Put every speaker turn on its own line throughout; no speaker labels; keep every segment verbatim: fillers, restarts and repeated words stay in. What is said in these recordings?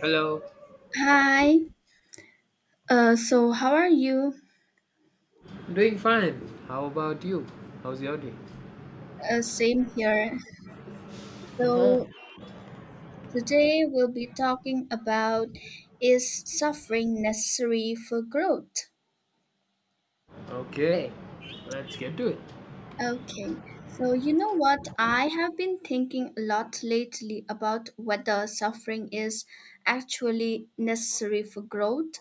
Hello.
Hi. Uh, so how are you?
I'm doing fine. How about you? How's your day?
Uh, same here. So today we'll be talking about is suffering necessary for growth?
Okay. Let's get to it.
Okay. So you know what? I have been thinking a lot lately about whether suffering is actually necessary for growth,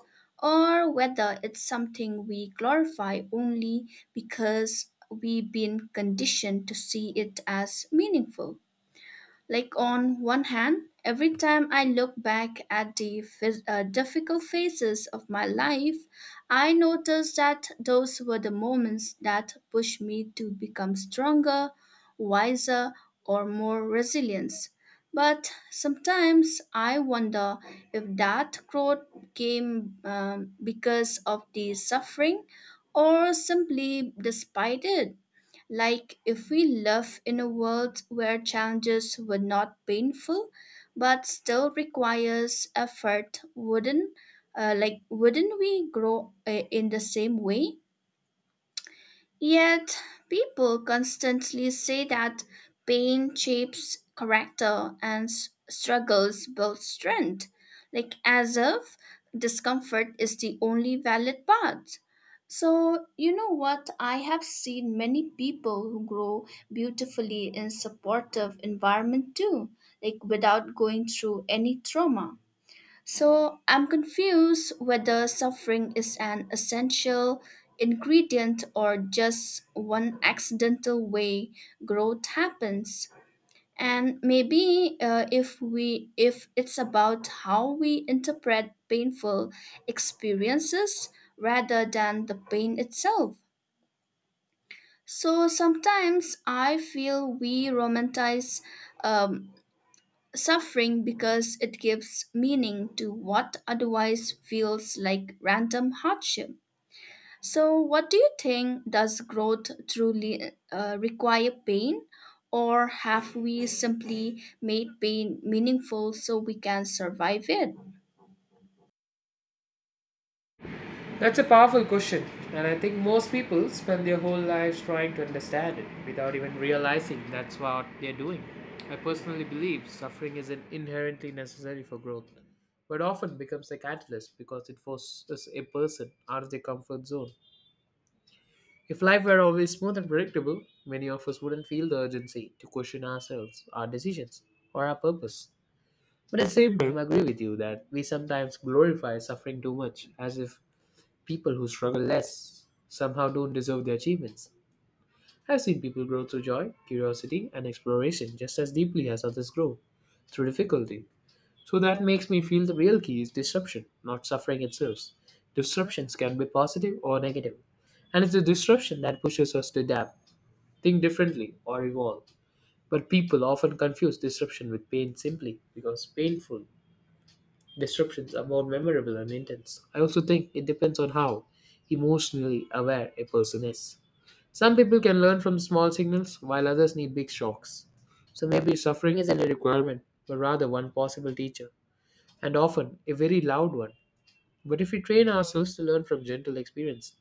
or whether it's something we glorify only because we've been conditioned to see it as meaningful. Like, on one hand, every time I look back at the phys- uh, difficult phases of my life, I notice that those were the moments that pushed me to become stronger, wiser, or more resilient. But sometimes I wonder if that growth came um, because of the suffering or simply despite it. Like, if we live in a world where challenges were not painful but still requires effort, wouldn't, uh, like, wouldn't we grow uh, in the same way? Yet, people constantly say that pain shapes character and s- struggles build strength, like as if discomfort is the only valid path. So, you know what? I have seen many people who grow beautifully in supportive environment too, like without going through any trauma. So I'm confused whether suffering is an essential ingredient or just one accidental way growth happens. And maybe uh, if we if it's about how we interpret painful experiences rather than the pain itself. So sometimes I feel we romanticize um, suffering because it gives meaning to what otherwise feels like random hardship. So, what do you think? Does growth truly uh, require pain, or have we simply made pain meaningful so we can survive it?
That's a powerful question, and I think most people spend their whole lives trying to understand it without even realizing that's what they're doing. I personally believe suffering isn't inherently necessary for growth, but often becomes a catalyst because it forces a person out of their comfort zone. If life were always smooth and predictable, many of us wouldn't feel the urgency to question ourselves, our decisions, or our purpose. But at the same time, I agree with you that we sometimes glorify suffering too much, as if people who struggle less somehow don't deserve their achievements. I've seen people grow through joy, curiosity, and exploration just as deeply as others grow through difficulty. So that makes me feel the real key is disruption, not suffering itself. Disruptions can be positive or negative, and it's the disruption that pushes us to adapt, think differently, or evolve. But people often confuse disruption with pain simply because painful disruptions are more memorable and intense. I also think it depends on how emotionally aware a person is. Some people can learn from small signals, while others need big shocks. So maybe suffering isn't a requirement, but rather one possible teacher, and often a very loud one. But if we train ourselves to learn from gentle experience,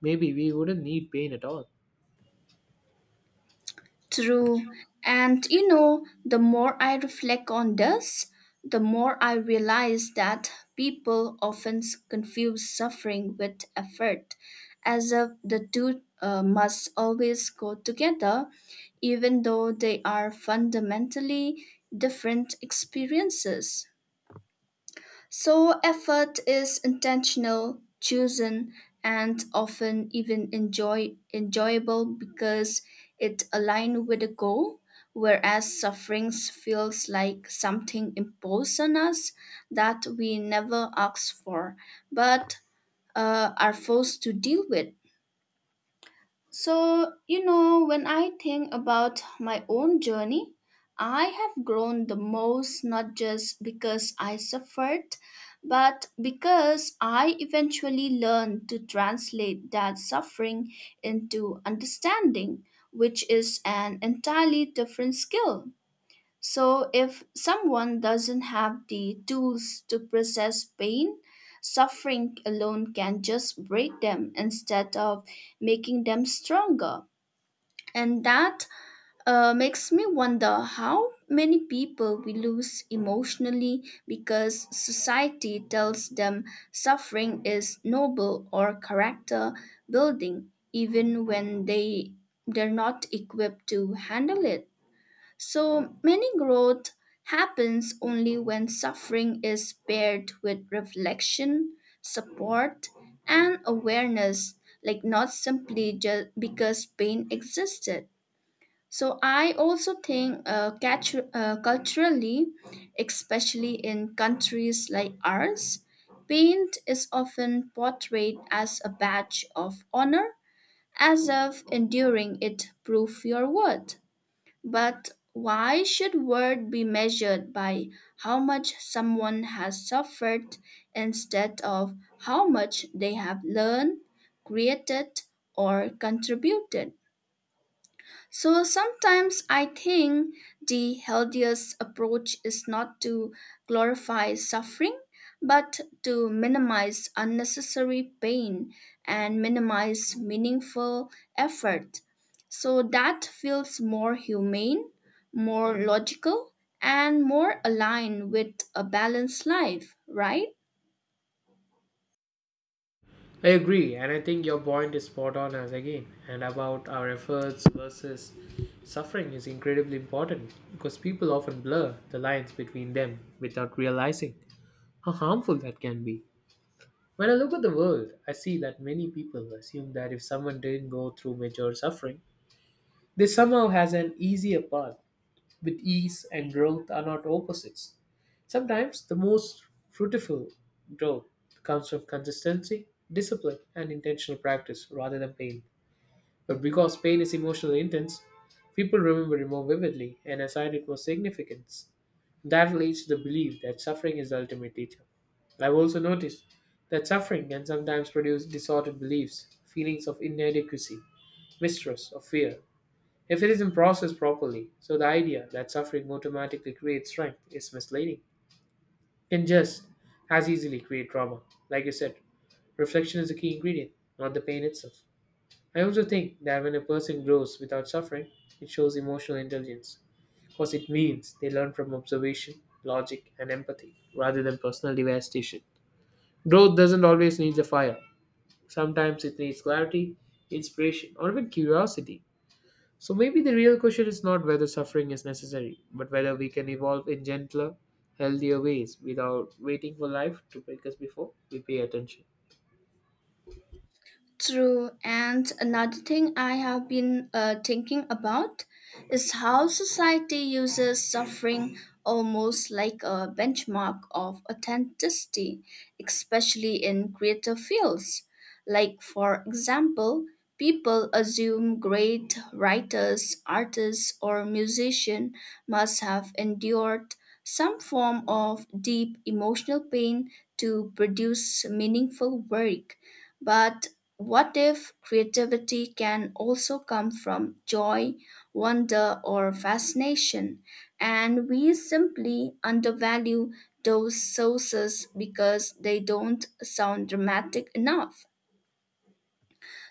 maybe we wouldn't need pain at all.
True. And you know, the more I reflect on this, the more I realize that people often s- confuse suffering with effort, as if the two uh, must always go together, even though they are fundamentally different experiences. So effort is intentional, chosen, and often even enjoy enjoyable because it aligns with a goal, whereas suffering feels like something imposed on us that we never asked for, but uh, are forced to deal with. So, you know, when I think about my own journey, I have grown the most not just because I suffered, but because I eventually learned to translate that suffering into understanding, which is an entirely different skill. So, if someone doesn't have the tools to process pain, suffering alone can just break them instead of making them stronger. And that uh, makes me wonder how many people we lose emotionally because society tells them suffering is noble or character building, even when they, they're not equipped to handle it. So many growth happens only when suffering is paired with reflection, support, and awareness, like not simply just because pain existed. So I also think, uh, catu- uh, culturally, especially in countries like ours, paint is often portrayed as a badge of honor, as if enduring it prove your worth. But why should worth be measured by how much someone has suffered instead of how much they have learned, created, or contributed? So sometimes I think the healthiest approach is not to glorify suffering, but to minimize unnecessary pain and minimize meaningful effort. So that feels more humane, more logical, and more aligned with a balanced life, right?
I agree, and I think your point is spot on as again, and about our efforts versus suffering is incredibly important because people often blur the lines between them without realizing how harmful that can be. When I look at the world, I see that many people assume that if someone didn't go through major suffering, they somehow has an easier path with ease and growth are not opposites. Sometimes the most fruitful growth comes from consistency, discipline, and intentional practice rather than pain. But because pain is emotionally intense, people remember it more vividly and assign it more significance. That leads to the belief that suffering is the ultimate teacher. I've also noticed that suffering can sometimes produce distorted beliefs, feelings of inadequacy, mistrust, or fear if it isn't processed properly, so the idea that suffering automatically creates strength is misleading. It can just as easily create trauma. Like you said, reflection is the key ingredient, not the pain itself. I also think that when a person grows without suffering, it shows emotional intelligence because it means they learn from observation, logic, and empathy rather than personal devastation. Growth doesn't always need the fire, sometimes it needs clarity, inspiration, or even curiosity. So maybe the real question is not whether suffering is necessary, but whether we can evolve in gentler, healthier ways without waiting for life to break us before we pay attention.
True. And another thing I have been uh, thinking about is how society uses suffering almost like a benchmark of authenticity, especially in creative fields. Like, for example, people assume great writers, artists, or musicians must have endured some form of deep emotional pain to produce meaningful work. But what if creativity can also come from joy, wonder, or fascination, and we simply undervalue those sources because they don't sound dramatic enough?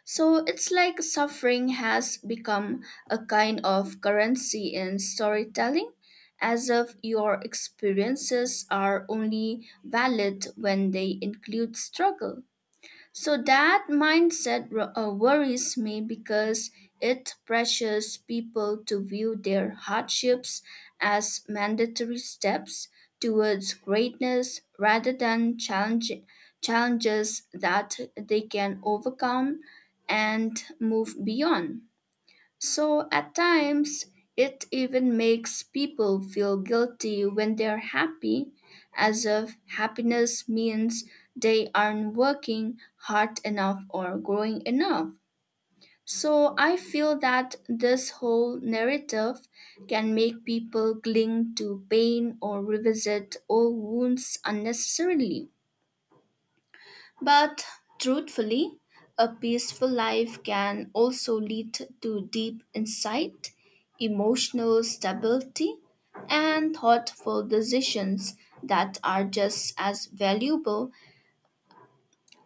So it's like suffering has become a kind of currency in storytelling, as if your experiences are only valid when they include struggle. So that mindset ro- uh, worries me because it pressures people to view their hardships as mandatory steps towards greatness rather than challenge- challenges that they can overcome and move beyond. So at times, it even makes people feel guilty when they're happy, as if happiness means they aren't working hard enough or growing enough. So I feel that this whole narrative can make people cling to pain or revisit old wounds unnecessarily. But truthfully, a peaceful life can also lead to deep insight, emotional stability, and thoughtful decisions that are just as valuable.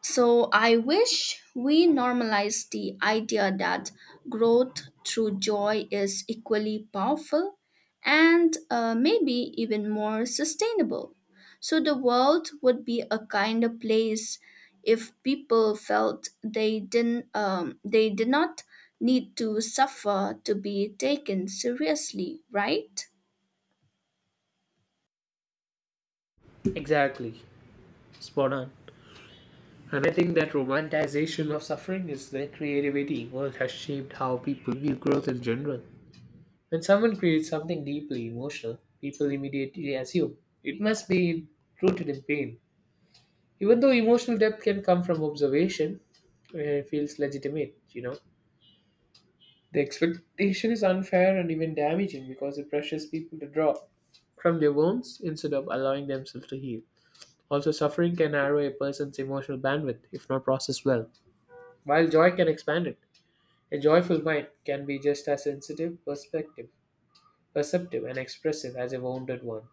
So I wish we normalize the idea that growth through joy is equally powerful and, uh, maybe even more sustainable. So the world would be a kinder place if people felt they didn't um, they did not need to suffer to be taken seriously, right?
Exactly. Spot on. And I think that romanticization of suffering is the creativity world has shaped how people view growth in general. When someone creates something deeply emotional, people immediately assume it must be rooted in pain. Even though emotional depth can come from observation, uh, it feels legitimate, you know. The expectation is unfair and even damaging because it pressures people to draw from their wounds instead of allowing themselves to heal. Also, suffering can narrow a person's emotional bandwidth if not processed well, while joy can expand it. A joyful mind can be just as sensitive, perspective, perceptive, and expressive as a wounded one.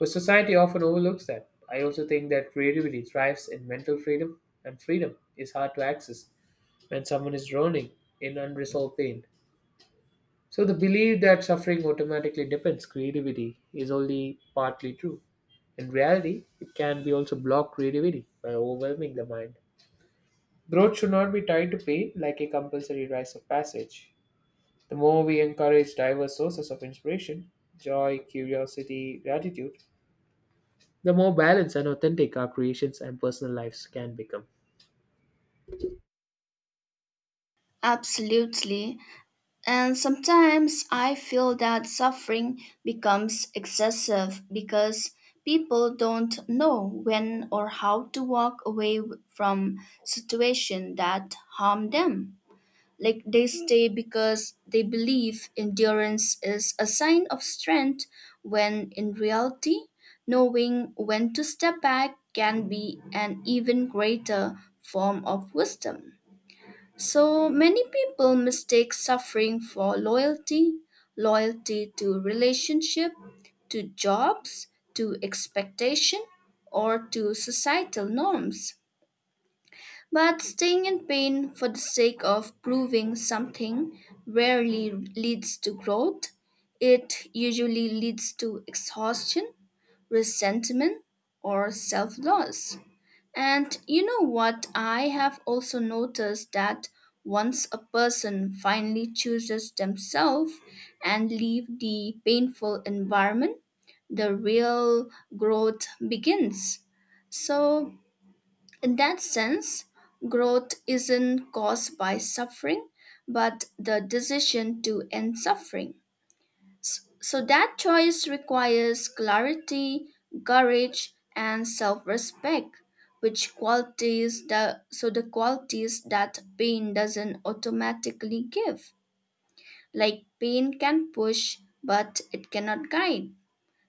But society often overlooks that. I also think that creativity thrives in mental freedom, and freedom is hard to access when someone is drowning in unresolved pain. So the belief that suffering automatically depends creativity is only partly true. In reality, it can be also block creativity by overwhelming the mind. Growth should not be tied to pain like a compulsory rites of passage. The more we encourage diverse sources of inspiration, joy, curiosity, gratitude, the more balanced and authentic our creations and personal lives can become.
Absolutely. And sometimes I feel that suffering becomes excessive because people don't know when or how to walk away w- from situations that harm them. Like, they stay because they believe endurance is a sign of strength when in reality knowing when to step back can be an even greater form of wisdom. So many people mistake suffering for loyalty, loyalty to relationship, to jobs, to expectation, or to societal norms. But staying in pain for the sake of proving something rarely leads to growth. It usually leads to exhaustion, resentment, or self loss. And you know what? I have also noticed that once a person finally chooses themselves and leave the painful environment, the real growth begins. So in that sense, growth isn't caused by suffering, but the decision to end suffering. S- So that choice requires clarity, courage, and self-respect, which qualities that so the qualities that pain doesn't automatically give. Like, pain can push, but it cannot guide.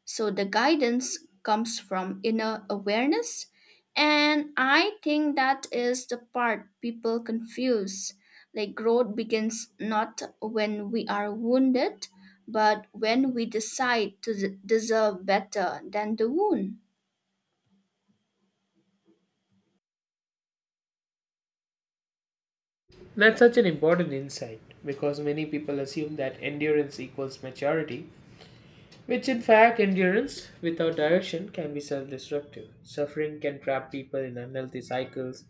So the guidance comes from inner awareness. And I think that is the part people confuse. Like, growth begins not when we are wounded, but when we decide to d- deserve better than the wound.
That's such an important insight because many people assume that endurance equals maturity, which, in fact, endurance without direction can be self destructive. Suffering can trap people in unhealthy cycles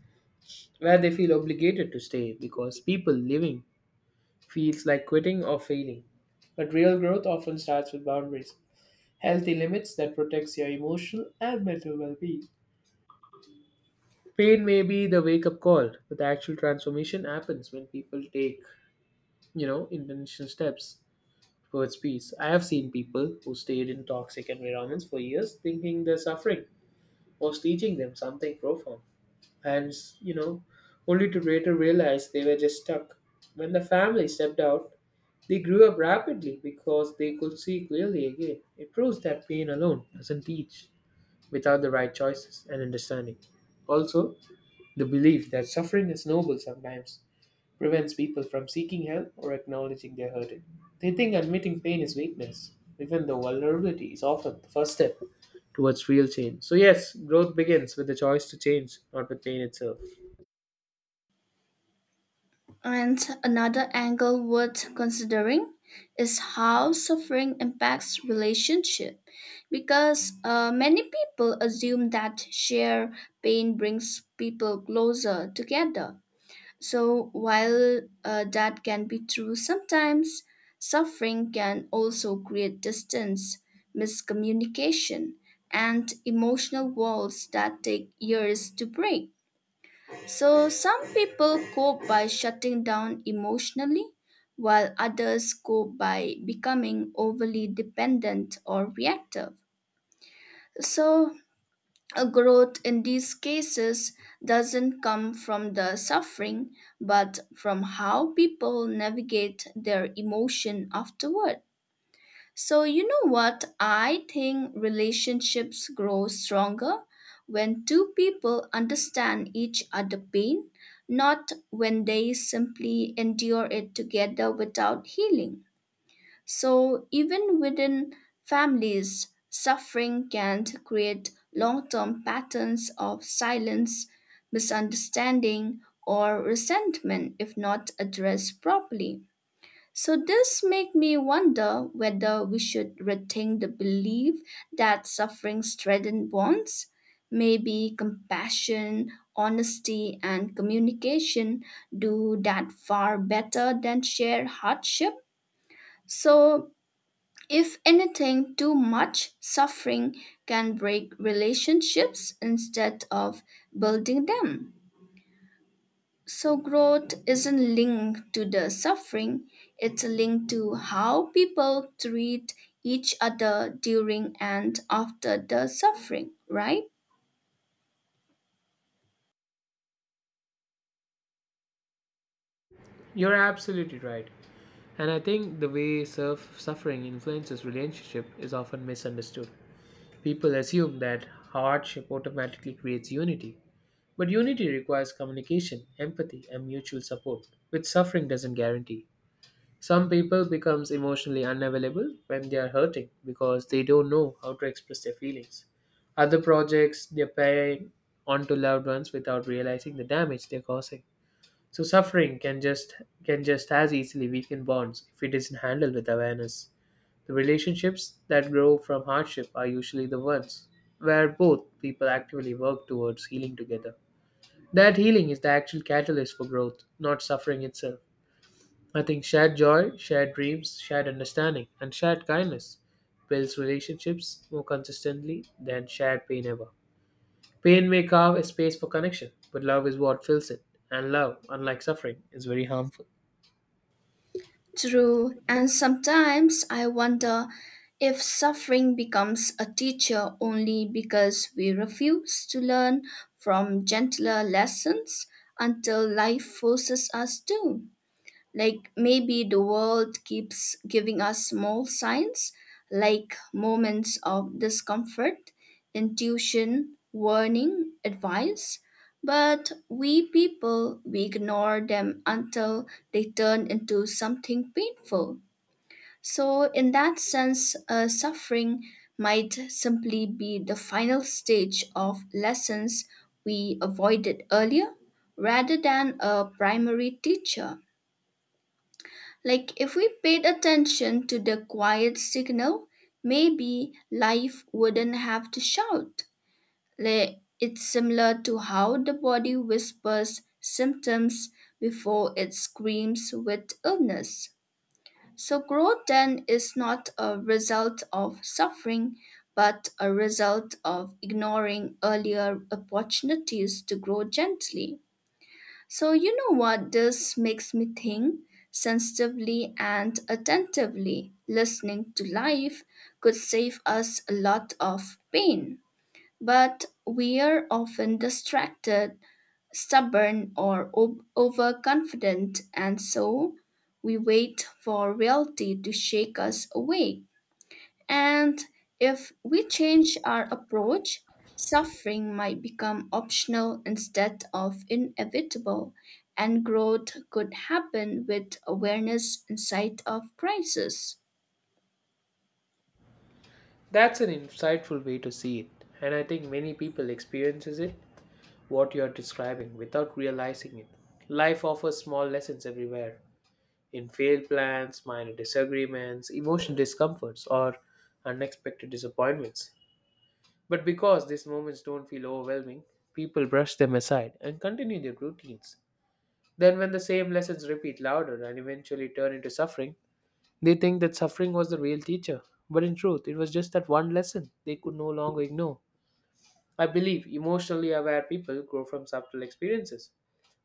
where they feel obligated to stay because people living feels like quitting or failing. But real growth often starts with boundaries, healthy limits that protects your emotional and mental well-being. Pain may be the wake-up call, but the actual transformation happens when people take, you know, intentional steps towards peace. I have seen people who stayed in toxic environments for years thinking they're suffering was teaching them something profound. And, you know, Only to later realize they were just stuck. When the family stepped out, they grew up rapidly because they could see clearly again. It proves that pain alone doesn't teach without the right choices and understanding. Also, the belief that suffering is noble sometimes prevents people from seeking help or acknowledging their hurting. They think admitting pain is weakness, even though vulnerability is often the first step towards real change. So, yes, growth begins with the choice to change, not with pain itself.
And another angle worth considering is how suffering impacts relationship, because uh, many people assume that shared pain brings people closer together. So while, uh, that can be true sometimes, suffering can also create distance, miscommunication, and emotional walls that take years to break. So, some people cope by shutting down emotionally, while others cope by becoming overly dependent or reactive. So, a growth in these cases doesn't come from the suffering, but from how people navigate their emotion afterward. So, you know what? I think relationships grow stronger when two people understand each other' pain, not when they simply endure it together without healing. So, even within families, suffering can create long term patterns of silence, misunderstanding, or resentment if not addressed properly. So this make me wonder whether we should rethink the belief that suffering strengthens bonds. Maybe compassion, honesty, and communication do that far better than sheer hardship. So if anything, too much suffering can break relationships instead of building them. So, growth isn't linked to the suffering, it's linked to how people treat each other during and after the suffering, right?
You're absolutely right. And I think the way surf suffering influences relationship is often misunderstood. People assume that hardship automatically creates unity. But unity requires communication, empathy, and mutual support, which suffering doesn't guarantee. Some people becomes emotionally unavailable when they are hurting because they don't know how to express their feelings. Other projects their pain onto loved ones without realizing the damage they're causing. So suffering can just can just as easily weaken bonds if it isn't handled with awareness. The relationships that grow from hardship are usually the ones where both people actively work towards healing together. That healing is the actual catalyst for growth, not suffering itself. I think shared joy, shared dreams, shared understanding, and shared kindness builds relationships more consistently than shared pain ever. Pain may carve a space for connection, but love is what fills it, and love, unlike suffering, is very harmful.
True. And sometimes I wonder if suffering becomes a teacher only because we refuse to learn from gentler lessons until life forces us to. Like, maybe the world keeps giving us small signs, like moments of discomfort, intuition, warning, advice. But we people, we ignore them until they turn into something painful. So, in that sense, uh, suffering might simply be the final stage of lessons we avoided earlier rather than a primary teacher. Like, if we paid attention to the quiet signal, maybe life wouldn't have to shout. Like, it's similar to how the body whispers symptoms before it screams with illness. So, growth then is not a result of suffering, but a result of ignoring earlier opportunities to grow gently. So, you know what this makes me think? Sensitively and attentively listening to life could save us a lot of pain. But we are often distracted, stubborn, or o- overconfident, and so we wait for reality to shake us awake. And if we change our approach, suffering might become optional instead of inevitable, and growth could happen with awareness instead of crisis.
That's an insightful way to see it, and I think many people experiences it what you're describing without realizing it. Life offers small lessons everywhere in failed plans, minor disagreements, emotional discomforts, or unexpected disappointments. But because these moments don't feel overwhelming, people brush them aside and continue their routines. Then, when the same lessons repeat louder and eventually turn into suffering, they think that suffering was the real teacher. But in truth, it was just that one lesson they could no longer ignore. I believe emotionally aware people grow from subtle experiences,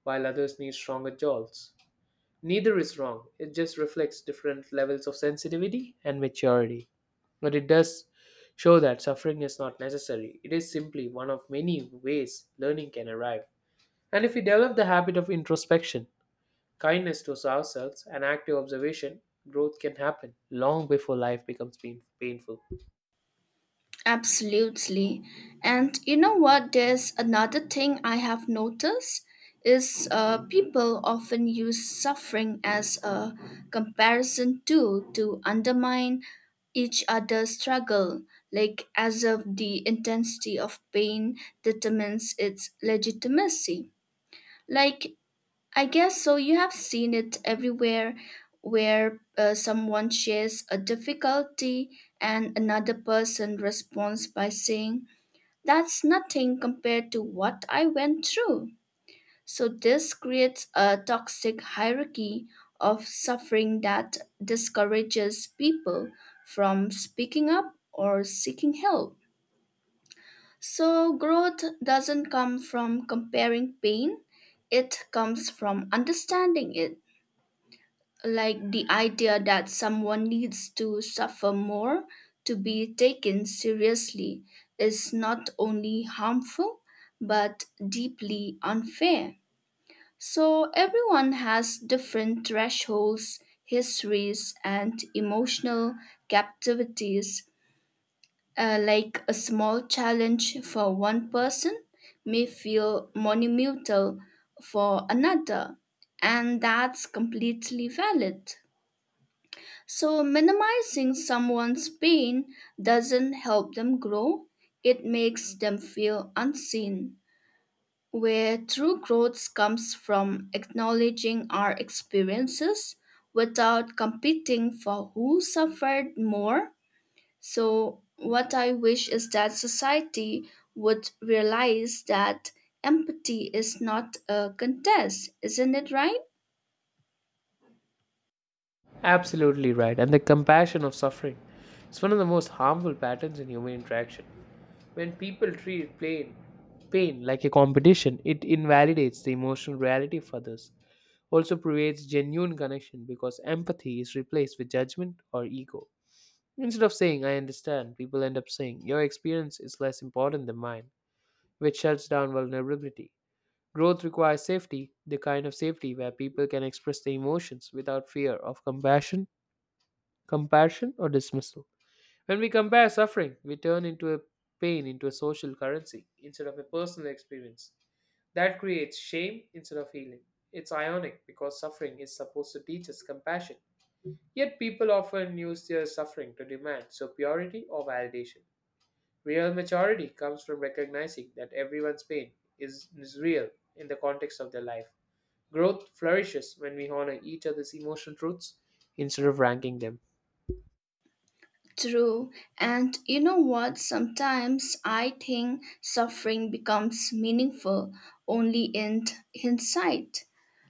while others need stronger jolts. Neither is wrong, it just reflects different levels of sensitivity and maturity. But it does show that suffering is not necessary, it is simply one of many ways learning can arrive. And if we develop the habit of introspection, kindness to ourselves, and active observation, growth can happen long before life becomes pain- painful.
Absolutely. And you know what? There's another thing I have noticed is uh, people often use suffering as a comparison tool to undermine each other's struggle, like as if the intensity of pain determines its legitimacy. Like, I guess so. You have seen it everywhere where uh, someone shares a difficulty and another person responds by saying, That's nothing compared to what I went through. So, this creates a toxic hierarchy of suffering that discourages people from speaking up or seeking help. So, growth doesn't come from comparing pain, it comes from understanding it. Like, the idea that someone needs to suffer more to be taken seriously is not only harmful but deeply unfair. So everyone has different thresholds, histories, and emotional captivities. Uh, like, a small challenge for one person may feel monumental for another, and that's completely valid. So, minimizing someone's pain doesn't help them grow, it makes them feel unseen. Where true growth comes from acknowledging our experiences without competing for who suffered more. So, what I wish is that society would realize that empathy is not a contest, isn't it right?
Absolutely right. And the compassion of suffering is one of the most harmful patterns in human interaction. When people treat pain, pain like a competition, it invalidates the emotional reality of others, also creates genuine connection because empathy is replaced with judgment or ego. Instead of saying, "I understand," people end up saying, "Your experience is less important than mine," which shuts down vulnerability. Growth requires safety, the kind of safety where people can express their emotions without fear of compassion, compassion, or dismissal. When we compare suffering, we turn into a pain into a social currency instead of a personal experience. That creates shame instead of healing. It's ironic because suffering is supposed to teach us compassion. Yet people often use their suffering to demand superiority or validation. Real maturity comes from recognizing that everyone's pain is, is real in the context of their life. Growth flourishes when we honor each other's emotional truths instead of ranking them.
True. And you know what? Sometimes I think suffering becomes meaningful only in hindsight.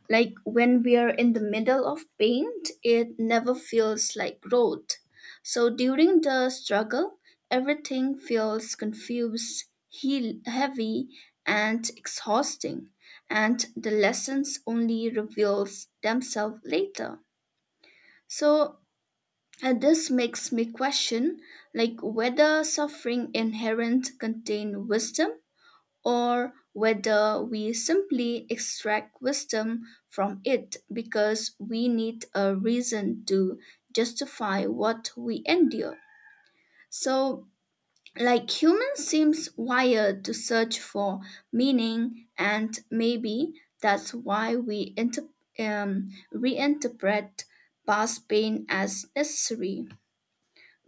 Like, when we are in the middle of pain, it never feels like growth. So during the struggle, everything feels confused, heel- heavy, and exhausting. And the lessons only reveals themselves later. So and this makes me question like whether suffering inherent contain wisdom or whether we simply extract wisdom from it because we need a reason to justify what we endure. So, like, humans seems wired to search for meaning, and maybe that's why we inter- um, reinterpret past pain as necessary,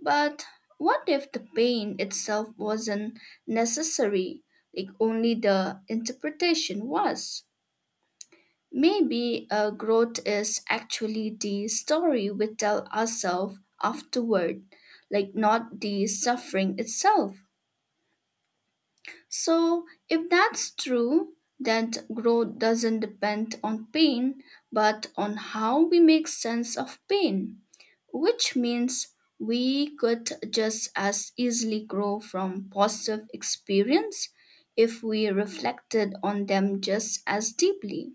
but what if the pain itself wasn't necessary, like only the interpretation was? Maybe uh, growth is actually the story we tell ourselves afterward, like not the suffering itself. So, if that's true, that growth doesn't depend on pain, but on how we make sense of pain, which means we could just as easily grow from positive experience if we reflected on them just as deeply.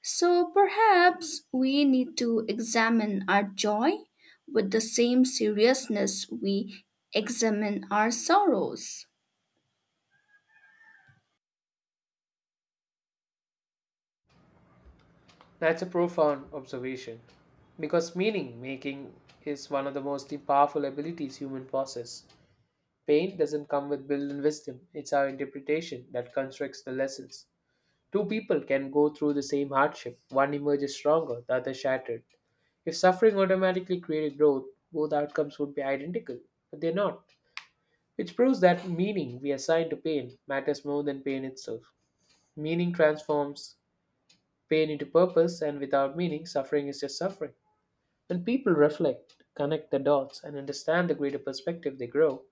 So perhaps we need to examine our joy with the same seriousness we examine our sorrows.
That's a profound observation because meaning making is one of the most powerful abilities human possess. Pain doesn't come with built in wisdom, it's our interpretation that constructs the lessons. Two people can go through the same hardship, one emerges stronger, the other shattered. If suffering automatically created growth, both outcomes would be identical, but they're not, which proves that meaning we assign to pain matters more than pain itself. Meaning transforms pain into purpose, and without meaning, suffering is just suffering. When people reflect, connect the dots, and understand the greater perspective, they grow.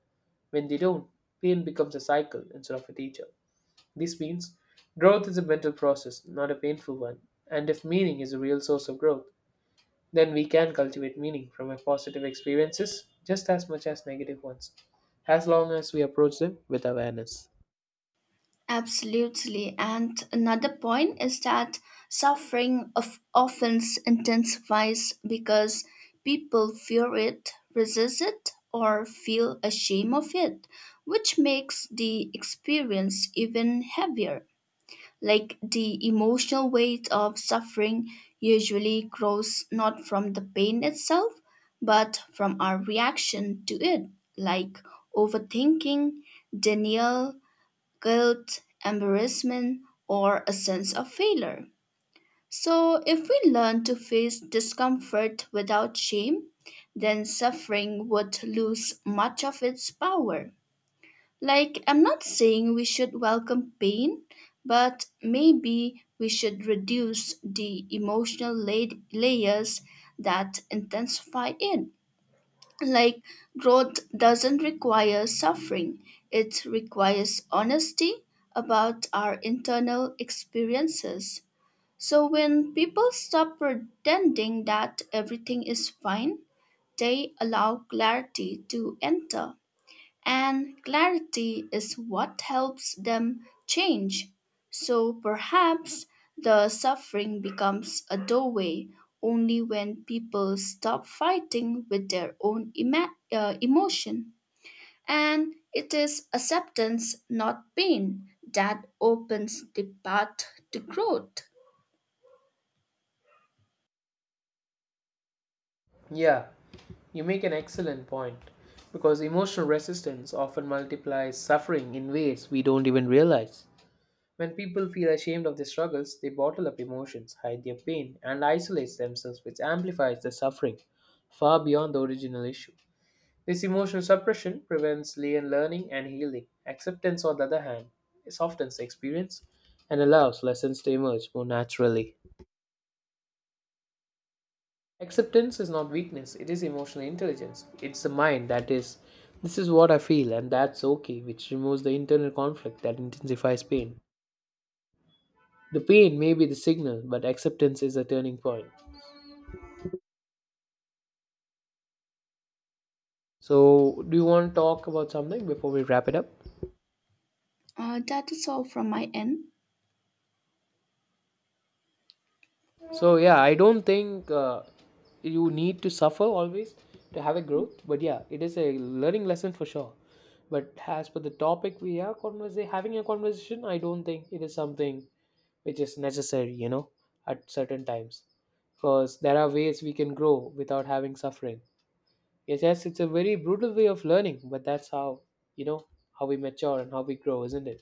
When they don't, pain becomes a cycle instead of a teacher. This means growth is a mental process, not a painful one. And if meaning is a real source of growth, then we can cultivate meaning from our positive experiences just as much as negative ones, as long as we approach them with awareness.
Absolutely. And another point is that suffering of often intensifies because people fear it, resist it, or feel ashamed of it, which makes the experience even heavier. Like, the emotional weight of suffering usually grows not from the pain itself, but from our reaction to it, like overthinking, denial, guilt, embarrassment, or a sense of failure. So, if we learn to face discomfort without shame, then suffering would lose much of its power. Like, I'm not saying we should welcome pain, but maybe we should reduce the emotional la- layers that intensify it. Like, growth doesn't require suffering, it requires honesty about our internal experiences. So when people stop pretending that everything is fine, they allow clarity to enter. And clarity is what helps them change. So perhaps the suffering becomes a doorway only when people stop fighting with their own ima- uh, emotion. And it is acceptance, not pain, that opens the path to growth.
Yeah, you make an excellent point because emotional resistance often multiplies suffering in ways we don't even realize. When people feel ashamed of their struggles, they bottle up emotions, hide their pain, and isolate themselves, which amplifies the suffering far beyond the original issue. This emotional suppression prevents le- learning and healing. Acceptance, on the other hand, softens the experience and allows lessons to emerge more naturally. Acceptance is not weakness, it is emotional intelligence. It's the mind that is, this is what I feel, and that's okay, which removes the internal conflict that intensifies pain. The pain may be the signal, but acceptance is a turning point. So, do you want to talk about something before we wrap it up?
Uh, that is all from my end.
So, yeah, I don't think uh, you need to suffer always to have a growth, but yeah, it is a learning lesson for sure. But as per the topic we are conversa- having a conversation, I don't think it is something which is necessary, you know, at certain times. Because there are ways we can grow without having suffering. Yes, yes, it's a very brutal way of learning, but that's how, you know, how we mature and how we grow, isn't it?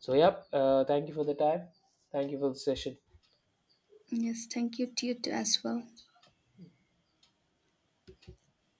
So, yep, uh, thank you for the time. Thank you for the session.
Yes, thank you to you too as well.